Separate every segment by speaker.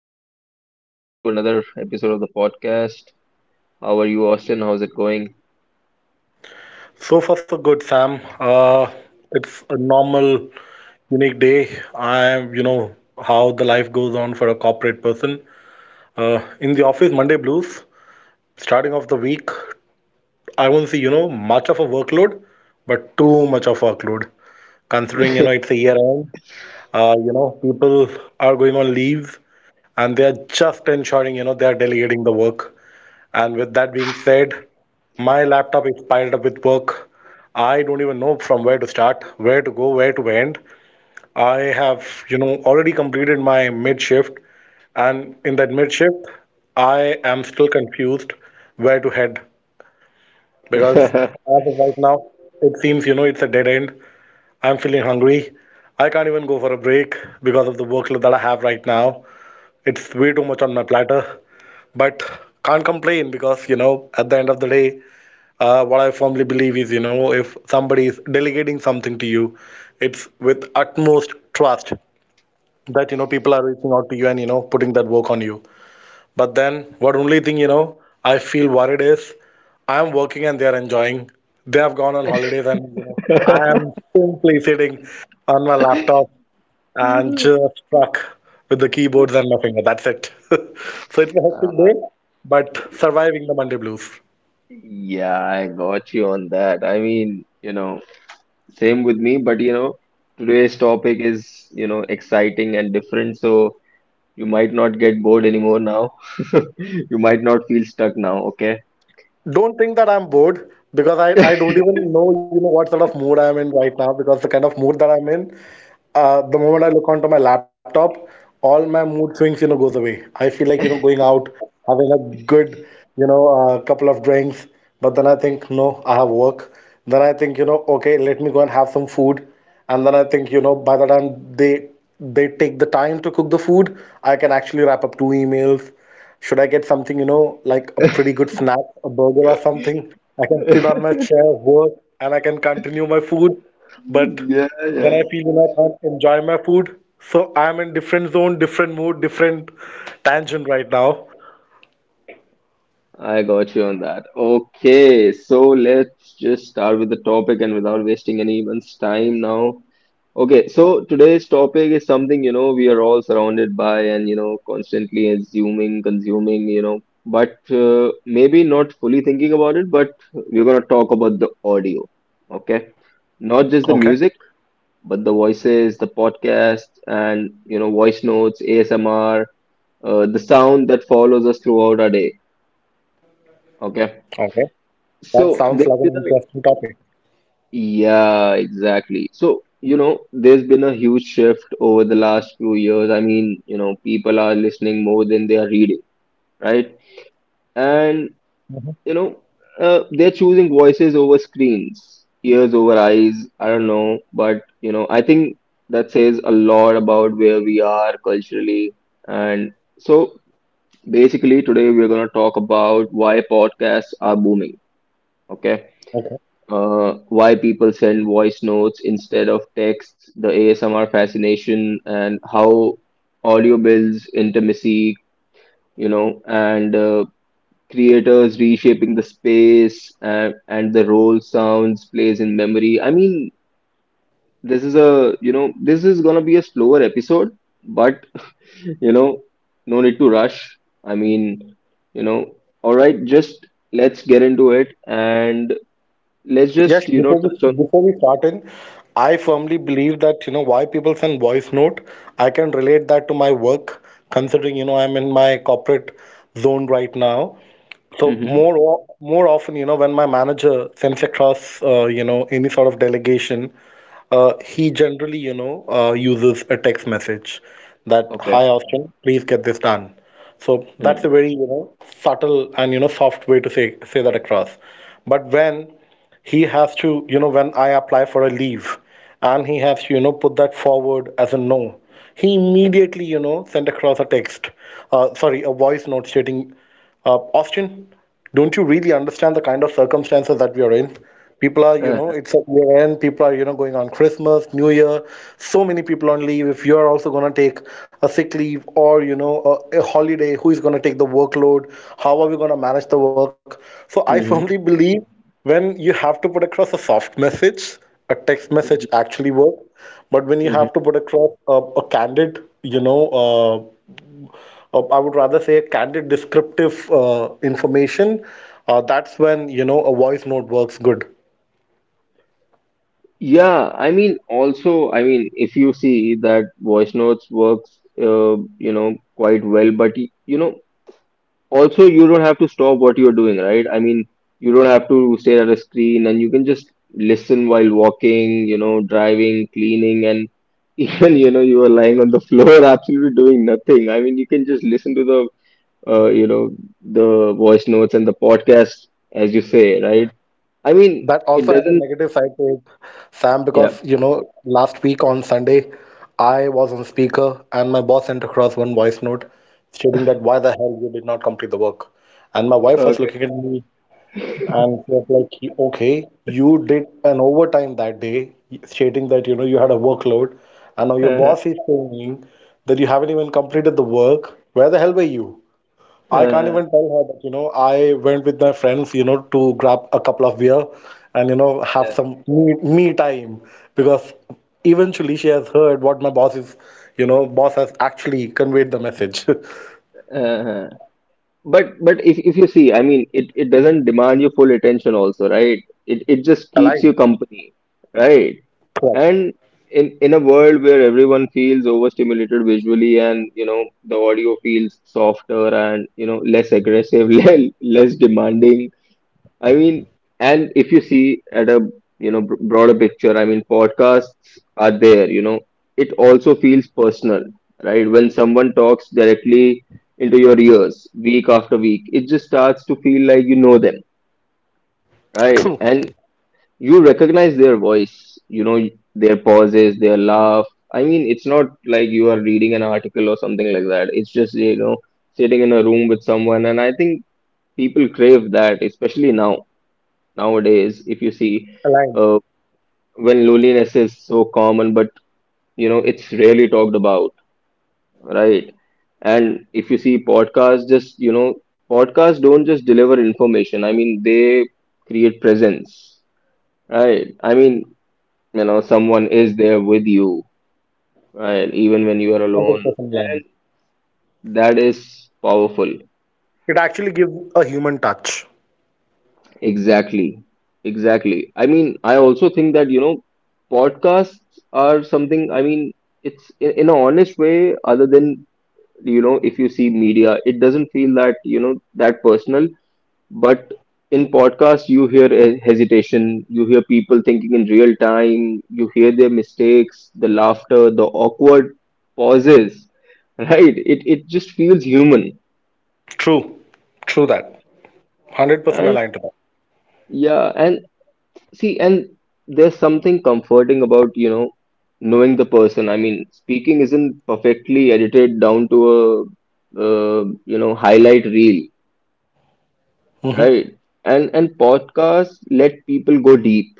Speaker 1: back. Welcome to another episode of the podcast. How are you, Austin? How's it going?
Speaker 2: So far, so good, Sam. It's a normal, unique day. I, how the life goes on for a corporate person. In the office, Monday blues. Starting off the week, I won't see, much of a workload, but too much of workload. Considering, it's a year end. People are going on leave, and they are just ensuring, they are delegating the work. And with that being said, my laptop is piled up with work. I don't even know from where to start, where to go, where to end. I have, already completed my mid shift, and in that mid shift, I am still confused where to head because as of right now, it seems, it's a dead end. I'm feeling hungry. I can't even go for a break because of the workload that I have right now. It's way too much on my platter, but can't complain because, at the end of the day, what I firmly believe is, if somebody is delegating something to you, it's with utmost trust that, people are reaching out to you and, putting that work on you. But then, what only thing, I feel worried is I'm working and they are enjoying. They have gone on holidays, and you know I am simply sitting on my laptop and just stuck with the keyboards and nothing. That's it. So it's a hectic
Speaker 1: Uh,
Speaker 2: day, but surviving the Monday blues.
Speaker 1: yeah, I got you on that. I mean, same with me, but today's topic is, exciting and different, so you might not get bored anymore now. You might not feel stuck now, okay?
Speaker 2: Don't think that I'm bored because I don't even know you know what sort of mood I'm in right now because the kind of mood that I'm in, the moment I look onto my laptop, all my mood swings, goes away. I feel like, going out, having a good, couple of drinks. But then I think, no, I have work. Then I think, okay, let me go and have some food. And then I think, by the time they take the time to cook the food, I can actually wrap up two emails. Should I get something, like a pretty good snack, a burger or something? I can sit on my chair, work, and I can continue my food. But
Speaker 1: Yeah,
Speaker 2: then
Speaker 1: yeah.
Speaker 2: I feel when I can't enjoy my food. So I'm in different zone, different mood, different tangent right now.
Speaker 1: I got you on that. Okay, so let's just start with the topic and without wasting anyone's time now. Okay, so today's topic is something, we are all surrounded by and, constantly assuming, consuming, but maybe not fully thinking about it, but we're going to talk about the audio. Okay, not just the
Speaker 2: Okay.
Speaker 1: music, but the voices, the podcast, and, voice notes, ASMR, the sound that follows us throughout our day. Okay.
Speaker 2: Okay. That
Speaker 1: So
Speaker 2: sounds
Speaker 1: there's
Speaker 2: like
Speaker 1: been
Speaker 2: an
Speaker 1: a
Speaker 2: interesting topic.
Speaker 1: Yeah, exactly. So, there's been a huge shift over the last few years. I mean, people are listening more than they are reading, right? And,
Speaker 2: Mhm.
Speaker 1: you know, they're choosing voices over screens, ears over eyes. I don't know, but, I think that says a lot about where we are culturally. And so basically, today we're going to talk about why podcasts are booming. Okay.
Speaker 2: Okay.
Speaker 1: Why people send voice notes instead of texts, the ASMR fascination, and how audio builds intimacy, and creators reshaping the space and the role sounds plays in memory. I mean, this is gonna be a slower episode, but, you know, no need to rush. I mean, all right, just let's get into it and let's
Speaker 2: Yes,
Speaker 1: just,
Speaker 2: before we
Speaker 1: touch on.
Speaker 2: before we start in, I firmly believe that you know why people send voice note. I can relate that to my work, considering you know I'm in my corporate zone right now. So
Speaker 1: Mhm.
Speaker 2: more often, when my manager sends across, you know, any sort of delegation, he generally, uses a text message that, "Hi, Austin, please get this done." So
Speaker 1: Mm.
Speaker 2: that's a very, subtle and, soft way to say that across. But when he has to, when I apply for a leave and he has to, put that forward as a no, he immediately, sent across a text, sorry, a voice note stating. Austin, don't you really understand the kind of circumstances that we are in? People are,
Speaker 1: uh
Speaker 2: it's a year end. People are, going on Christmas, New Year. So many people on leave. If you are also going to take a sick leave or, a holiday, who is going to take the workload? How are we going to manage the work? So I firmly
Speaker 1: hmm.
Speaker 2: believe when you have to put across a soft message, a text message
Speaker 1: Hmm.
Speaker 2: actually works. But when you
Speaker 1: Hmm.
Speaker 2: have to put across a candid, or I would rather say a candid descriptive information, that's when you know a voice note works good.
Speaker 1: Yeah, I mean, also, I mean, if you see that voice notes works, quite well, but also you don't have to stop what you're doing, right? I mean, you don't have to stare at a screen and you can just listen while walking, driving, cleaning, and even, you are lying on the floor, absolutely doing nothing. I mean, you can just listen to uh, you know, the voice notes and the podcast, as you say, right? I
Speaker 2: That
Speaker 1: mean,
Speaker 2: also has a
Speaker 1: it doesn't
Speaker 2: negative side to it, Sam, because
Speaker 1: Yeah.
Speaker 2: you know last week on Sunday, I was on speaker and my boss sent across one voice note stating that why the hell you did not complete the work. And my wife was
Speaker 1: Okay.
Speaker 2: looking at me. And it was like, okay, you did an overtime that day, stating that you know you had a workload, and now your
Speaker 1: Uh-huh.
Speaker 2: boss is saying that you haven't even completed the work. Where the hell were you? I can't
Speaker 1: Uh-huh.
Speaker 2: even tell her that you know I went with my friends, to grab a couple of beer and you know have
Speaker 1: Yeah.
Speaker 2: some me time because eventually she has heard what my boss is, boss has actually conveyed the message.
Speaker 1: Uh-huh. But if you see, I mean, it doesn't demand your full attention also, right? It just
Speaker 2: Aligned.
Speaker 1: keeps you company, right?
Speaker 2: Correct.
Speaker 1: And in a world where everyone feels overstimulated visually and, the audio feels softer and, less aggressive, less demanding, I mean, and if you see at a broader picture, I mean, podcasts are there. It also feels personal, right? When someone talks directly into your ears week after week, it just starts to feel like you know them,
Speaker 2: True.
Speaker 1: right? And you recognize their voice. You know their pauses, their laugh. I mean, it's not like you are reading an article or something like that. It's just sitting in a room with someone, and I think people crave that, especially nowadays. If you see,
Speaker 2: Aligned.
Speaker 1: uh, when loneliness is so common but it's rarely talked about, right? And if you see, podcasts don't just deliver information. I mean, they create presence, right? I mean, you know someone is there with you, right, even when you are alone.
Speaker 2: 100%
Speaker 1: And
Speaker 2: aligned.
Speaker 1: that is powerful.
Speaker 2: It actually gives a human touch.
Speaker 1: Exactly. Exactly. I mean, I also think that, podcasts are something. I mean, it's in an honest way, other than, if you see media, it doesn't feel that, that personal. But in podcasts, you hear a hesitation, you hear people thinking in real time, you hear their mistakes, the laughter, the awkward pauses, right? It just feels human.
Speaker 2: True. True that. 100%
Speaker 1: And
Speaker 2: aligned to that.
Speaker 1: yeah, and see, and there's something comforting about, knowing the person. I mean, speaking isn't perfectly edited down to a highlight reel,
Speaker 2: Hmm.
Speaker 1: right? And podcasts let people go deep,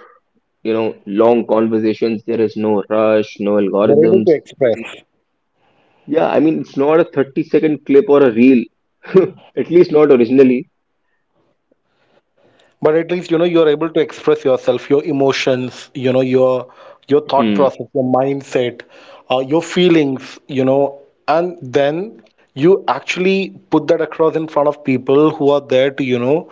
Speaker 1: long conversations. There is no rush, no
Speaker 2: They're able
Speaker 1: algorithms.
Speaker 2: to express.
Speaker 1: Yeah, I mean, it's not a 30-second clip or a reel, at least not originally.
Speaker 2: But at least you know you're able to express yourself, your emotions, you know, your thought
Speaker 1: Hmm.
Speaker 2: process, your mindset, your feelings, you know, and then you actually put that across in front of people who are there to, you know,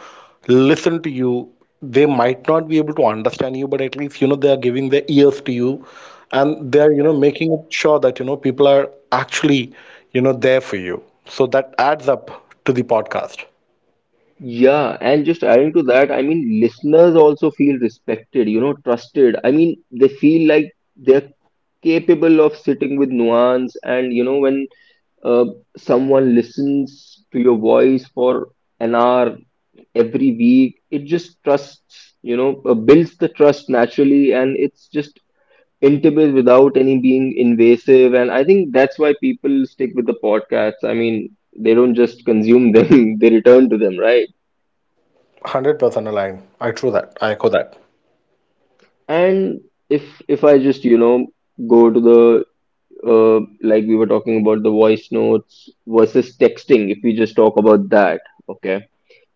Speaker 2: listen to you. They might not be able to understand you, but at least you know they are giving their ears to you, and they are, you know, making it sure that you know people are actually, you know, there for you. So that adds up to the podcast.
Speaker 1: Yeah, and just adding to that, I mean, listeners also feel respected, trusted. I mean, they feel like they're capable of sitting with nuance, and when uh, someone listens to your voice for an hour every week, it just builds the trust naturally, and it's just intimate without any being invasive. And I think that's why people stick with the podcasts. I mean, they don't just consume them, they return to them, right?
Speaker 2: 100% aligned. I true that. I echo that.
Speaker 1: And if if I just go to the, like we were talking about the voice notes versus texting. If we just talk about that, okay,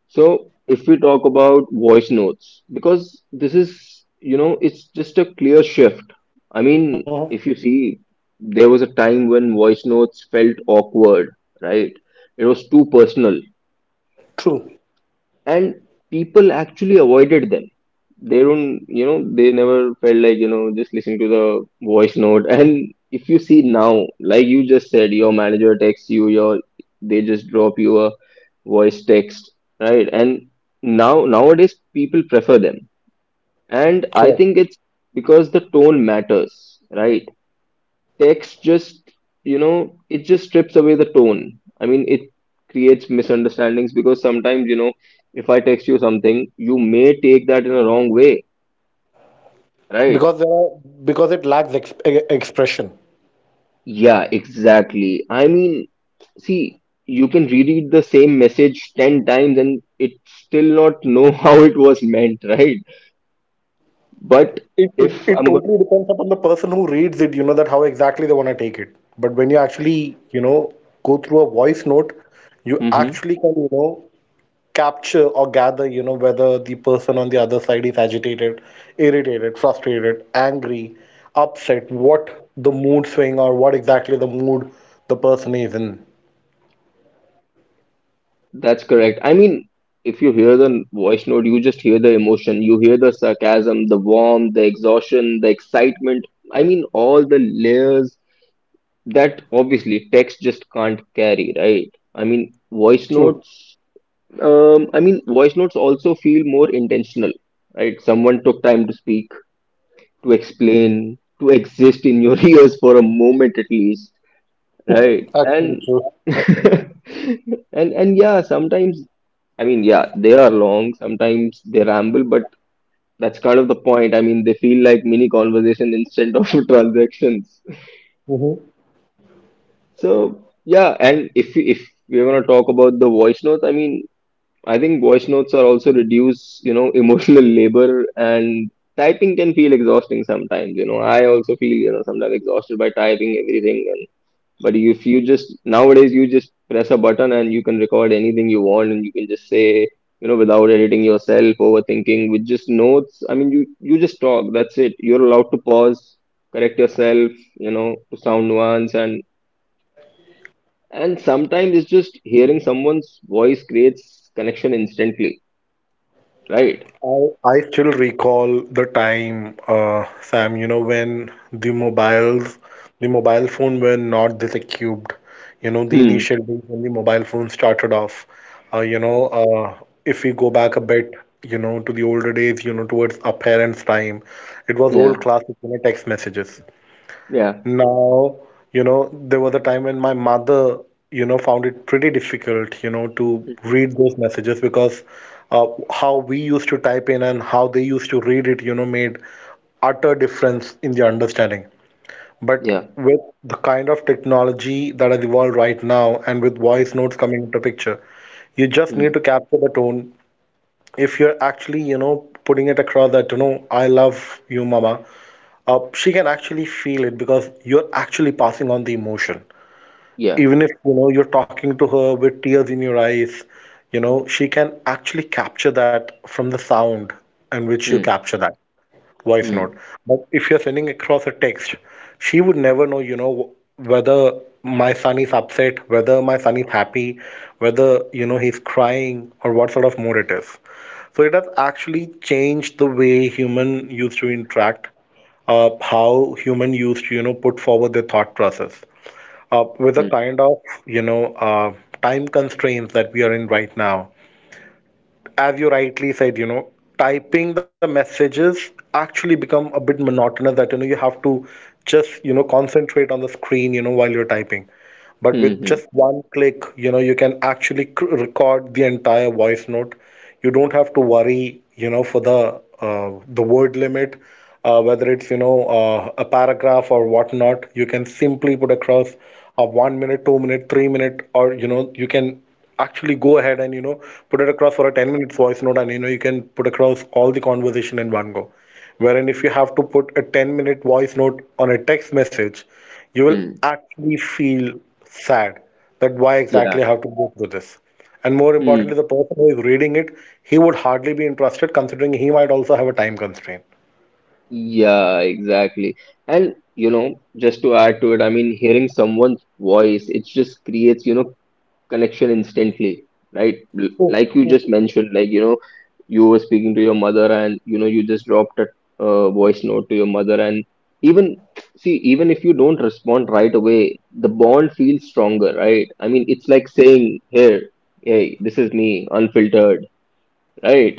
Speaker 1: so if we talk about voice notes, because this is you know it's just a clear shift. I mean,
Speaker 2: Mhm.
Speaker 1: if you see there was a time when voice notes felt awkward, right? It was too personal,
Speaker 2: True.
Speaker 1: and people actually avoided them. They never felt like just listening to the voice note. And if you see now, like you just said, your manager texts you, your they just drop you a voice text, right? And nowadays people prefer them. And I
Speaker 2: Correct.
Speaker 1: think it's because the tone matters, right? Text just you know it just strips away the tone. I mean, it creates misunderstandings because sometimes, if I text you something, you may take that in a wrong way, right?
Speaker 2: Because there are, because it lacks expression.
Speaker 1: Yeah, exactly. I mean, see, you can reread the same message 10 times and it still not know how it was meant, right? But
Speaker 2: It, it
Speaker 1: if
Speaker 2: it
Speaker 1: I'm going
Speaker 2: totally depends upon the person who reads it, you know, that how exactly they want to take it. But when you actually, you know, go through a voice note, you
Speaker 1: to
Speaker 2: actually can, you know, capture or gather, you know, whether the person on the other side is agitated, irritated, frustrated, angry, upset, what the mood swing or what exactly the mood the person is in.
Speaker 1: That's correct. I mean, if you hear the voice note, you just hear the emotion. You hear the sarcasm, the warmth, the exhaustion, the excitement. I mean, all the layers that obviously text just can't carry, right? I mean,
Speaker 2: True.
Speaker 1: voice notes also feel more intentional, right? Someone took time to speak, to explain, to exist in your ears for a moment at least, right? And
Speaker 2: Actually
Speaker 1: and yeah, sometimes, I mean, yeah, they are long. Sometimes they ramble, but that's kind of the point. I mean, they feel like mini conversation instead of transactions.
Speaker 2: true.
Speaker 1: So yeah, and if we're gonna talk about the voice notes, I mean, I think voice notes are also reduce, emotional labor, and typing can feel exhausting sometimes. I also feel, sometimes exhausted by typing everything. But if you just nowadays you just press a button and you can record anything you want and you can just say, without editing yourself, overthinking, with just notes. I mean, you just talk. That's it. You're allowed to pause, correct yourself, to sound nuance, and sometimes it's just hearing someone's voice creates connection instantly, right?
Speaker 2: I, I still recall the time, Sam, you know, when the mobiles, the mobile phone were not this equipped. You know, the
Speaker 1: Hmm.
Speaker 2: initial days when the mobile phone started off. Uh, you know, uh, if we go back a bit, you know, to the older days, you know, towards our parents' time, it was old
Speaker 1: Yeah.
Speaker 2: classic, you know, text messages.
Speaker 1: Yeah.
Speaker 2: Now, you know, there was a time when my mother, you know, found it pretty difficult, you know, to read those messages because, uh, how we used to type in and how they used to read it, you know, made utter difference in the understanding. But
Speaker 1: Yeah.
Speaker 2: with the kind of technology that has evolved right now and with voice notes coming into picture, you just
Speaker 1: Hmm.
Speaker 2: need to capture the tone if you're actually you know putting it across that you know I love you mama, she can actually feel it because you're actually passing on the emotion
Speaker 1: Yeah.
Speaker 2: even if you know you're talking to her with tears in your eyes. You know she can actually capture that from the sound in which you
Speaker 1: Hmm.
Speaker 2: capture that voice note.
Speaker 1: Hmm.
Speaker 2: But if you're sending across a text, she would never know, you know, whether my son is upset, whether my son is happy, whether, you know, he's crying, or what sort of mood it is. So it has actually changed the way human used to interact, how human used to, you know, put forward their thought process. With the
Speaker 1: Hmm.
Speaker 2: kind of, you know, uh, time constraints that we are in right now, as you rightly said, you know, typing the messages actually become a bit monotonous that you know you have to just you know concentrate on the screen you know while you're typing. But
Speaker 1: Hmm.
Speaker 2: with
Speaker 1: Hmm.
Speaker 2: just one click, you know, you can actually record the entire voice note. You don't have to worry, you know, for the word limit, whether it's you know, a paragraph or whatnot. You can simply put across a 1 minute, 2 minute, 3 minute, or you know, you can actually go ahead and you know put it across for a 10-minute voice note, and you know you can put across all the conversation in one go. Wherein if you have to put a 10-minute voice note on a text message, you will
Speaker 1: Hmm.
Speaker 2: actually feel sad that why
Speaker 1: Yeah.
Speaker 2: exactly I have to go through this. And more
Speaker 1: Hmm.
Speaker 2: importantly, the person who is reading it, he would hardly be interested considering he might also have a time constraint.
Speaker 1: Yeah, exactly. And, just to add to it, I mean, hearing someone's voice, it just creates, connection instantly, right? L-
Speaker 2: True,
Speaker 1: Like you just
Speaker 2: true.
Speaker 1: mentioned, like, you were speaking to your mother and, you just dropped a voice note to your mother. And even, see, even if you don't respond right away, the bond feels stronger, right? I mean, it's like saying, here, hey, this is me, unfiltered, right?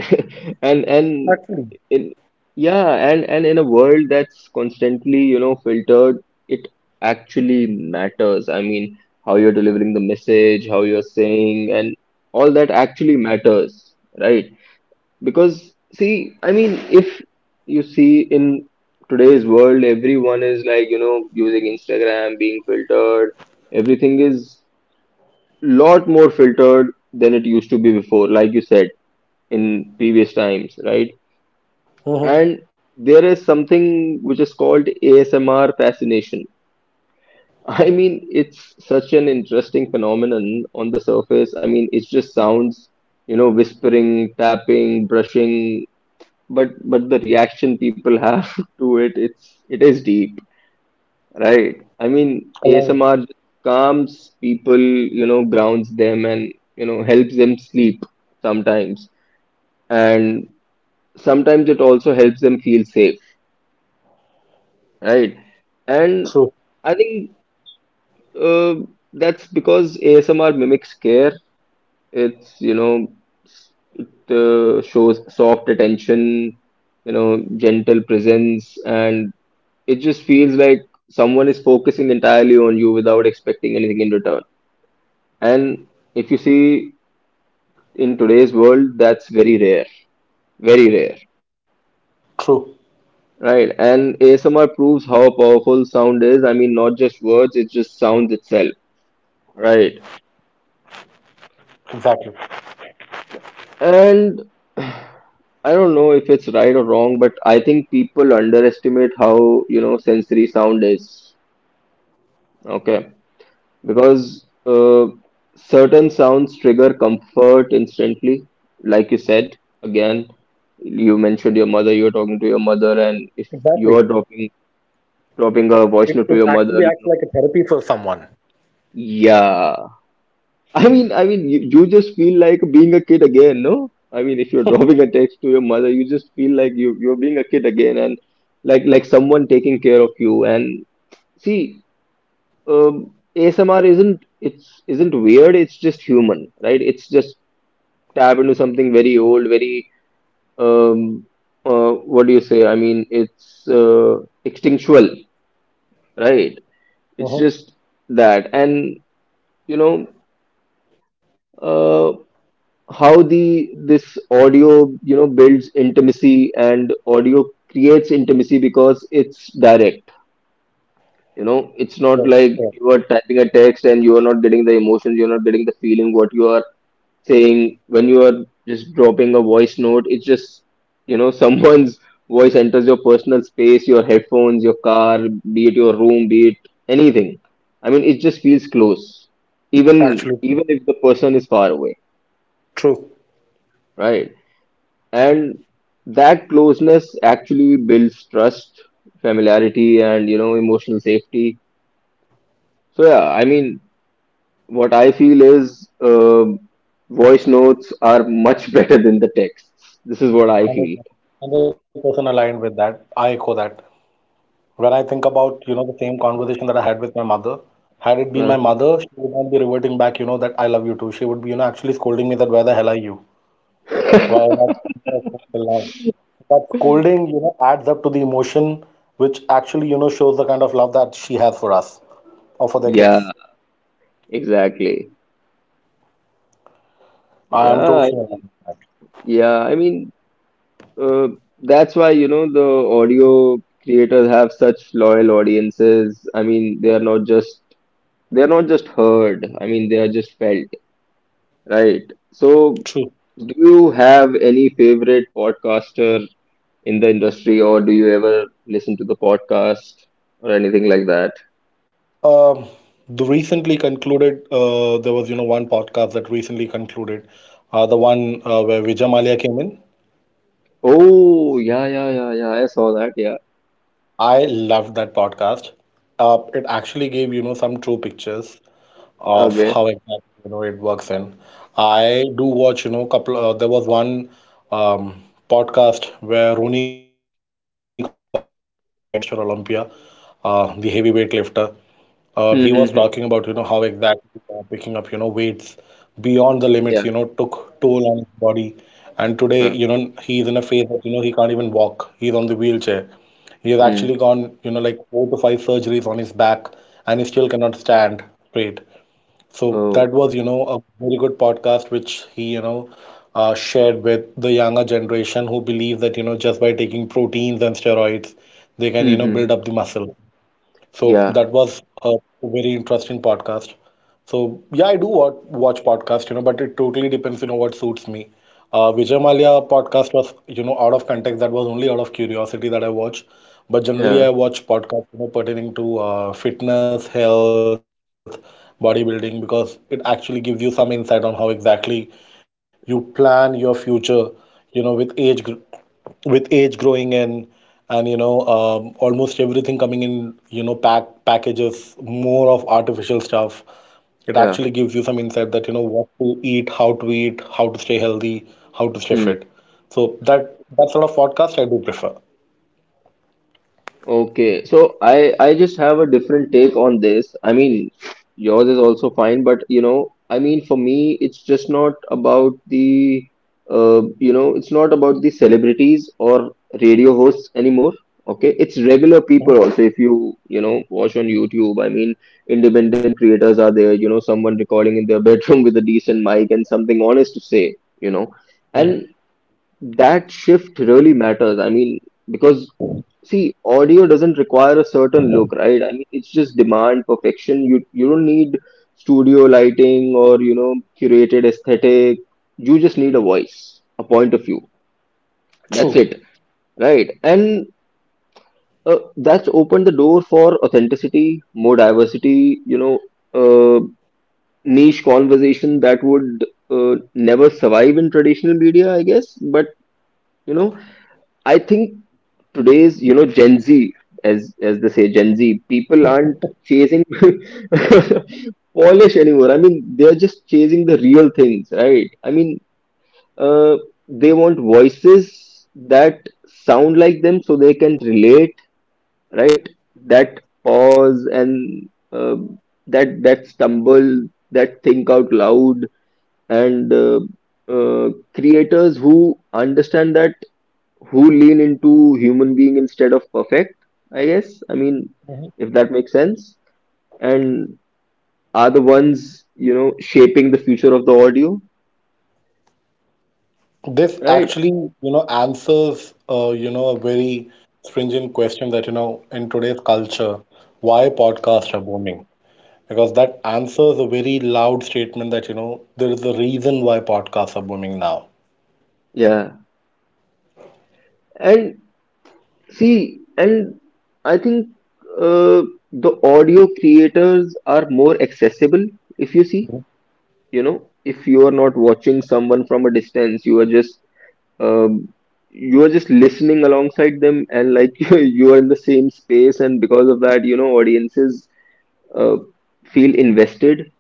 Speaker 1: And
Speaker 2: Actually,
Speaker 1: in Yeah, and in a world that's constantly filtered, it actually matters. I mean, how you're delivering the message, how you're saying, and all that actually matters, right? Because, see, I mean, if you see, in today's world everyone is like, using Instagram, being filtered, everything is lot more filtered than it used to be before, like you said, in previous times, right?
Speaker 2: mm-hmm.
Speaker 1: And there is something which is called ASMR fascination. I mean, it's such an interesting phenomenon on the surface. I mean, it's just sounds, whispering, tapping, brushing, but the reaction people have to it, it is deep, right? I mean,
Speaker 2: Aligned.
Speaker 1: ASMR calms people, grounds them, and, helps them sleep sometimes. And sometimes it also helps them feel safe. Right. And
Speaker 2: True,
Speaker 1: I think uh, that's because ASMR mimics care. It's, you know, it shows soft attention, gentle presence, and it just feels like someone is focusing entirely on you without expecting anything in return. And if you see in today's world, that's very rare,
Speaker 2: true.
Speaker 1: right? And ASMR proves how powerful sound is. I mean, not just words, it's just sounds itself, right?
Speaker 2: Exactly,
Speaker 1: And I don't know if it's right or wrong, but I think people underestimate how, sensory sound is. Okay. Because Certain sounds trigger comfort instantly, like you said. Again, you mentioned your mother, you're talking to your mother, and if you
Speaker 2: exactly.
Speaker 1: are dropping a voice
Speaker 2: it,
Speaker 1: note to
Speaker 2: it
Speaker 1: your
Speaker 2: actually
Speaker 1: mother,
Speaker 2: acts like a therapy for someone.
Speaker 1: yeah, I mean, you just feel like being a kid again, no? I mean, if you're dropping a text to your mother, you just feel like you're being a kid again, and like someone taking care of you. And see, ASMR isn't weird. It's just human, right? It's just tap into something very old, very um, what do you say? I mean, it's extinctual, right? It's
Speaker 2: Hmm.
Speaker 1: just that, and you know. uh, how the this audio builds intimacy and audio creates intimacy because it's direct, you know? It's not
Speaker 2: Correct,
Speaker 1: like
Speaker 2: correct.
Speaker 1: you are typing a text and you are not getting the emotions, you're not getting the feeling what you are saying. When you are just dropping a voice note, it's just, you know, someone's voice enters your personal space, your headphones, your car, be it your room, be it anything. I mean, it just feels close, even
Speaker 2: Actually, true.
Speaker 1: even if the person is far away,
Speaker 2: True.
Speaker 1: right? And that closeness actually builds trust, familiarity, and, you know, emotional safety. So yeah, I mean, what I feel is, voice notes are much better than the texts. This is what I feel.
Speaker 2: 100%, aligned with that. I echo that. When I think about, the same conversation that I had with my mother, had it been my
Speaker 1: Mhm.
Speaker 2: mother, she would not be reverting back, that I love you too. She would be, actually scolding me that where the hell are you? Why are you till now? That scolding, adds up to the emotion which actually, shows the kind of love that she has for us or for the
Speaker 1: Yeah,
Speaker 2: kids.
Speaker 1: exactly.
Speaker 2: I am
Speaker 1: yeah I
Speaker 2: totally aligned
Speaker 1: mean-
Speaker 2: with that.
Speaker 1: yeah, I mean, uh, that's why, you know, the audio creators have such loyal audiences. I mean, they are not just heard, I mean they are just felt. Right. So,
Speaker 2: True.
Speaker 1: do you have any favorite podcaster in the industry, or do you ever listen to the podcast or anything like that?
Speaker 2: Um, the recently concluded, there was, one podcast that recently concluded, the one where Vijay Malia came in.
Speaker 1: Oh, yeah, yeah, yeah, yeah. I saw that. Yeah.
Speaker 2: I loved that podcast. It actually gave, some true pictures of how
Speaker 1: Okay.
Speaker 2: exactly, it works in. I do watch, couple, there was one um, podcast where Rooney Coleman came in, the eight-time Mr. Olympia, the heavyweight lifter. He was talking
Speaker 1: Hmm,
Speaker 2: about,
Speaker 1: hmm, hmm.
Speaker 2: how exactly picking up, weights beyond the limits,
Speaker 1: Yeah.
Speaker 2: took toll on his body. And today,
Speaker 1: Huh.
Speaker 2: he is in a phase that, he can't even walk. He's on the wheelchair. He has
Speaker 1: Hmm.
Speaker 2: actually gone, like four to five surgeries on his back, and he still cannot stand straight. So
Speaker 1: Oh.
Speaker 2: that was, a very good podcast which he, shared with the younger generation who believe that, just by taking proteins and steroids, they can,
Speaker 1: Hmm, hmm,
Speaker 2: build
Speaker 1: hmm.
Speaker 2: up the muscle. So
Speaker 1: Yeah.
Speaker 2: that was a very interesting podcast. So yeah, I do watch podcast, but it totally depends, what suits me. Vijay Malia podcast was, out of context. That was only out of curiosity that I watch.
Speaker 1: Yeah.
Speaker 2: But generally, I watch podcasts, pertaining to fitness, health, bodybuilding, because it actually gives you some insight on how exactly you plan your future, with age growing in. And you know, almost everything coming in, you know, packages, more of artificial stuff, it
Speaker 1: Yeah.
Speaker 2: actually gives you some insight that, what to eat, how to eat, how to stay healthy, how to stay
Speaker 1: Hmm.
Speaker 2: fit. So that sort of podcast I do prefer.
Speaker 1: Okay, so I just have a different take on this. I mean, yours is also fine, but you know, I mean, for me, it's just not about the you know, it's not about the celebrities or radio hosts anymore. Okay, it's regular people also.
Speaker 2: Mhm,
Speaker 1: If you, you know watch on YouTube, I mean, independent creators are there. You know, someone recording in their bedroom with a decent mic and something honest to say. You know, and
Speaker 2: mhm.
Speaker 1: That shift really matters. I mean, because, see, audio doesn't require a certain look, right? I mean, it's just demand perfection. You don't need studio lighting or, you know, curated aesthetic. You just need a voice, a point of view. That's it,
Speaker 2: True.
Speaker 1: right? And that's opened the door for authenticity, more diversity. You know, uh, niche conversation that would never survive in traditional media, I guess. But you know, I think today's, you know, gen z, as they say, gen z people aren't chasing polish anymore. I mean they're just chasing the real things, right? I mean, uh, they want voices that sound like them so they can relate, right? That pause and, that stumble, that think out loud, and uh, creators who understand that, who lean into human being instead of perfect, I guess. I mean, if that makes sense. And are the ones, you know, shaping the future of the audio,
Speaker 2: This
Speaker 1: right?
Speaker 2: actually, answers, a very stringent question that, in today's culture, why podcasts are booming. Because that answers a very loud statement that, there is a reason why podcasts are booming now.
Speaker 1: Yeah. And see, and I think uh, the audio creators are more accessible if you see. You know, if you are not watching someone from a distance, you are just, um, you are just listening alongside them and like you are in the same space, and because of that, you know, audiences uh, feel invested.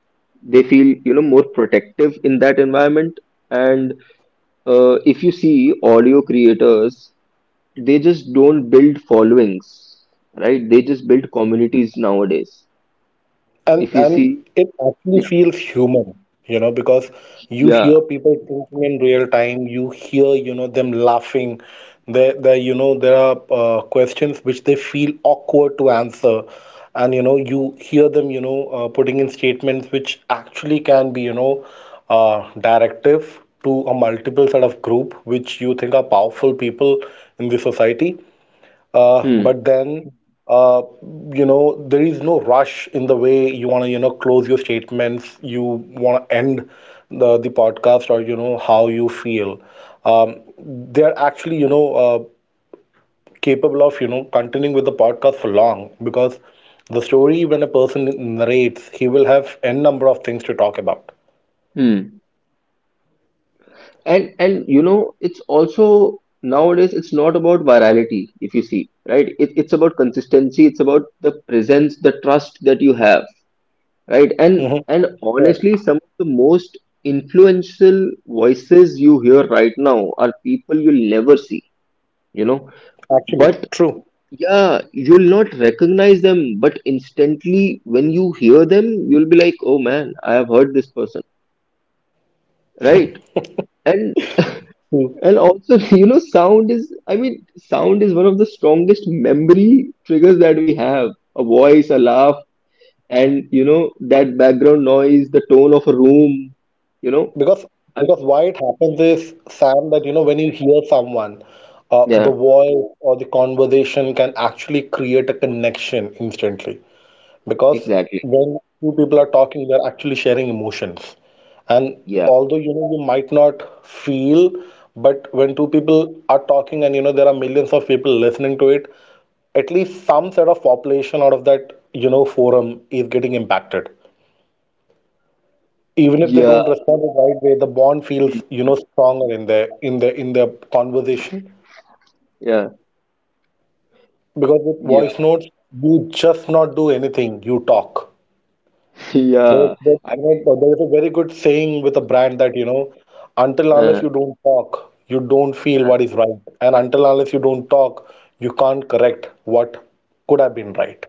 Speaker 1: They feel, you know, more protective in that environment. And if you see audio creators, they just don't build followings, right? They just build communities nowadays, if
Speaker 2: And
Speaker 1: you
Speaker 2: and
Speaker 1: see.
Speaker 2: it actually
Speaker 1: Yeah,
Speaker 2: feels human, because you
Speaker 1: yeah.
Speaker 2: hear people thinking in real time, you hear, them laughing. There are questions which they feel awkward to answer, and, you hear them, putting in statements which actually can be, directive to a multiple set of group which you think are powerful people in the society. uh,
Speaker 1: Hmm,
Speaker 2: but then, uh, there is no rush in the way you want to, close your statements. You want to end the podcast, or you know how you feel. They're actually, capable of, continuing with the podcast for long, because the story, when a person narrates, he will have n number of things to talk about.
Speaker 1: hmm. And you know, it's also nowadays, it's not about virality, if you see, right? It's about consistency, it's about the presence, the trust that you have, right? and
Speaker 2: Mm-hmm.
Speaker 1: and
Speaker 2: Correct.
Speaker 1: honestly, some of the most influential voices you hear right now are people you'll never see, you know?
Speaker 2: Actually,
Speaker 1: But
Speaker 2: true.
Speaker 1: yeah, you'll not recognize them, but instantly when you hear them, you'll be like, oh man, I have heard this person, right? and
Speaker 2: True.
Speaker 1: And also, you know, sound is, I mean, sound is one of the strongest memory triggers that we have. A voice, a laugh, and, you know, that background noise, the tone of a room, you know.
Speaker 2: Because
Speaker 1: I
Speaker 2: because
Speaker 1: mean,
Speaker 2: why it happens is, Sam, that, you know, when you hear someone, the
Speaker 1: yeah,
Speaker 2: voice or the conversation can actually create a connection instantly. Because
Speaker 1: exactly.
Speaker 2: when two people
Speaker 1: Mhm.
Speaker 2: are talking, they're actually sharing emotions. And
Speaker 1: Yeah.
Speaker 2: although you know you might not feel, but when two people are talking, and you know there are millions of people listening to it, at least some sort of population out of that, you know, forum is getting impacted. Even if they
Speaker 1: Yeah.
Speaker 2: don't respond the right way, the bond feels,
Speaker 1: Mhm.
Speaker 2: stronger in their in the in their conversation.
Speaker 1: Yeah.
Speaker 2: Because with
Speaker 1: Yeah.
Speaker 2: voice notes, you just not do anything, you talk.
Speaker 1: Yeah. I
Speaker 2: There is a very good saying with a brand that, until
Speaker 1: mean,
Speaker 2: unless
Speaker 1: uh,
Speaker 2: you don't talk, you don't feel
Speaker 1: uh.
Speaker 2: what is right. And until unless you don't talk, you can't correct what could have been right.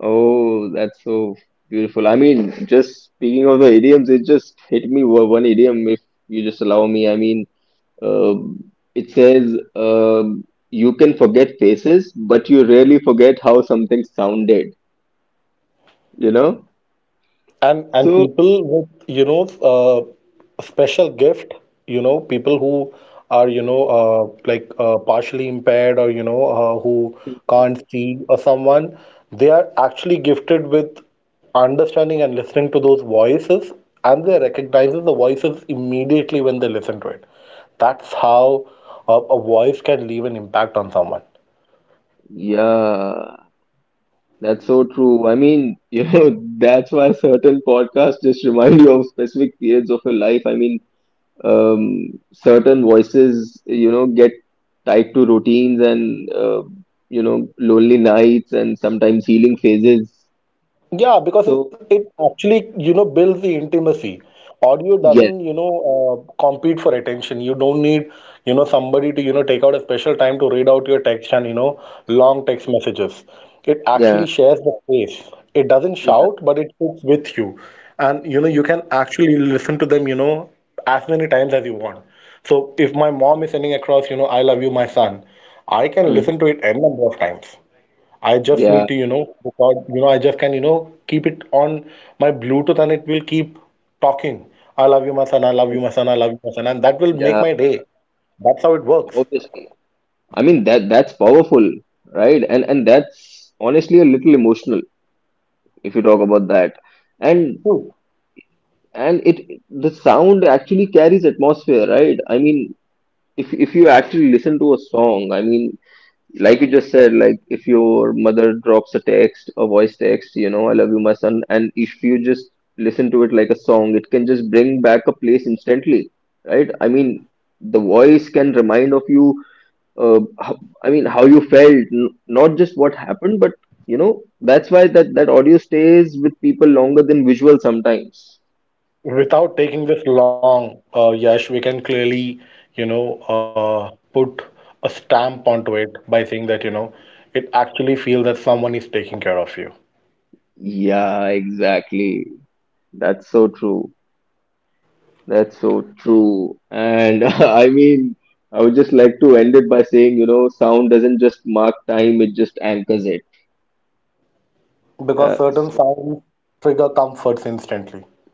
Speaker 1: Oh, that's so beautiful. I mean, just speaking of the idioms, it just hit me, one idiom, if you just allow me. I mean, it says, you can forget faces, but you rarely forget how something sounded, you know?
Speaker 2: And
Speaker 1: So,
Speaker 2: people with, a special gift, people who are, partially impaired, or, who can't see, or someone, they are actually gifted with understanding and listening to those voices, and they recognize the voices immediately when they listen to it. That's how a voice can leave an impact on someone.
Speaker 1: yeah, that's so true. I mean, you know, that's why certain podcasts just remind you of specific periods of your life. I mean, certain voices, you know, get tied to routines and, you know, lonely nights and sometimes healing phases.
Speaker 2: Yeah, because
Speaker 1: So,
Speaker 2: it actually, builds the intimacy. Audio
Speaker 1: yes,
Speaker 2: doesn't, compete for attention. You don't need, somebody to, take out a special time to read out your text and, long text messages. It
Speaker 1: yeah,
Speaker 2: actually shares the space. It doesn't
Speaker 1: yeah,
Speaker 2: shout, but it sits with you. And, you can actually listen to them, as many times as you want. So if my mom is sending across, you know, I love you, my son, I can
Speaker 1: mhm,
Speaker 2: listen to it n number of times. I just need
Speaker 1: yeah,
Speaker 2: to, book out, I just can, keep it on my Bluetooth, and it will keep talking. I love you, my son. I love
Speaker 1: yeah,
Speaker 2: you, my son. I love you, my son. And that will make
Speaker 1: yeah.
Speaker 2: my day. That's how it works.
Speaker 1: Obviously. I mean, that's powerful, right? And that's honestly a little emotional, if you talk about that. And
Speaker 2: So,
Speaker 1: and it, the sound actually carries atmosphere, right? I mean, if you actually listen to a song, I mean, like you just said, like if your mother drops a text, a voice text, you know, I love you, my son, and if you just listen to it like a song, it can just bring back a place instantly, right? I mean, the voice can remind of you how, I mean, how you felt, not just what happened, but you know, that's why that, that audio stays with people longer than visual sometimes.
Speaker 2: without taking this long, Yash, we can clearly, put a stamp onto it by saying that, it actually feels that someone is taking care of you.
Speaker 1: Yeah, exactly. That's so true. That's so true. And I mean, I would just like to end it by saying, you know, sound doesn't just mark time, it just anchors it. Uh,
Speaker 2: Because
Speaker 1: so,
Speaker 2: certain sounds trigger comforts instantly.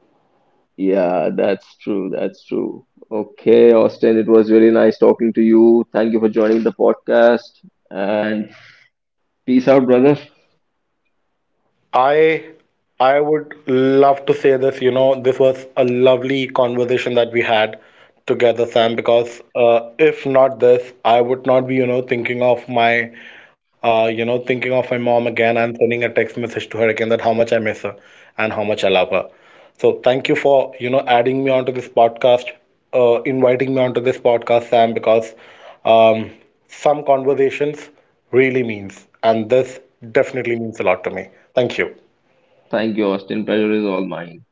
Speaker 1: yeah, that's true. That's true. Okay, Austin, it was really nice talking to you. Thank you for joining the podcast and peace out, brother.
Speaker 2: I I would love to say this, this was a lovely conversation that we had together, Sam, because if not this, I would not be, thinking of my mom again, and sending a text message to her again that how much I miss her and how much I love her. So thank you for, you know, adding me onto this podcast, inviting me onto this podcast, Sam, because um, some conversations really means, and this definitely means a lot to me. Thank you.
Speaker 1: Thank you, Austin. Pleasure is all mine.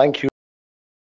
Speaker 2: Thank you. Take care.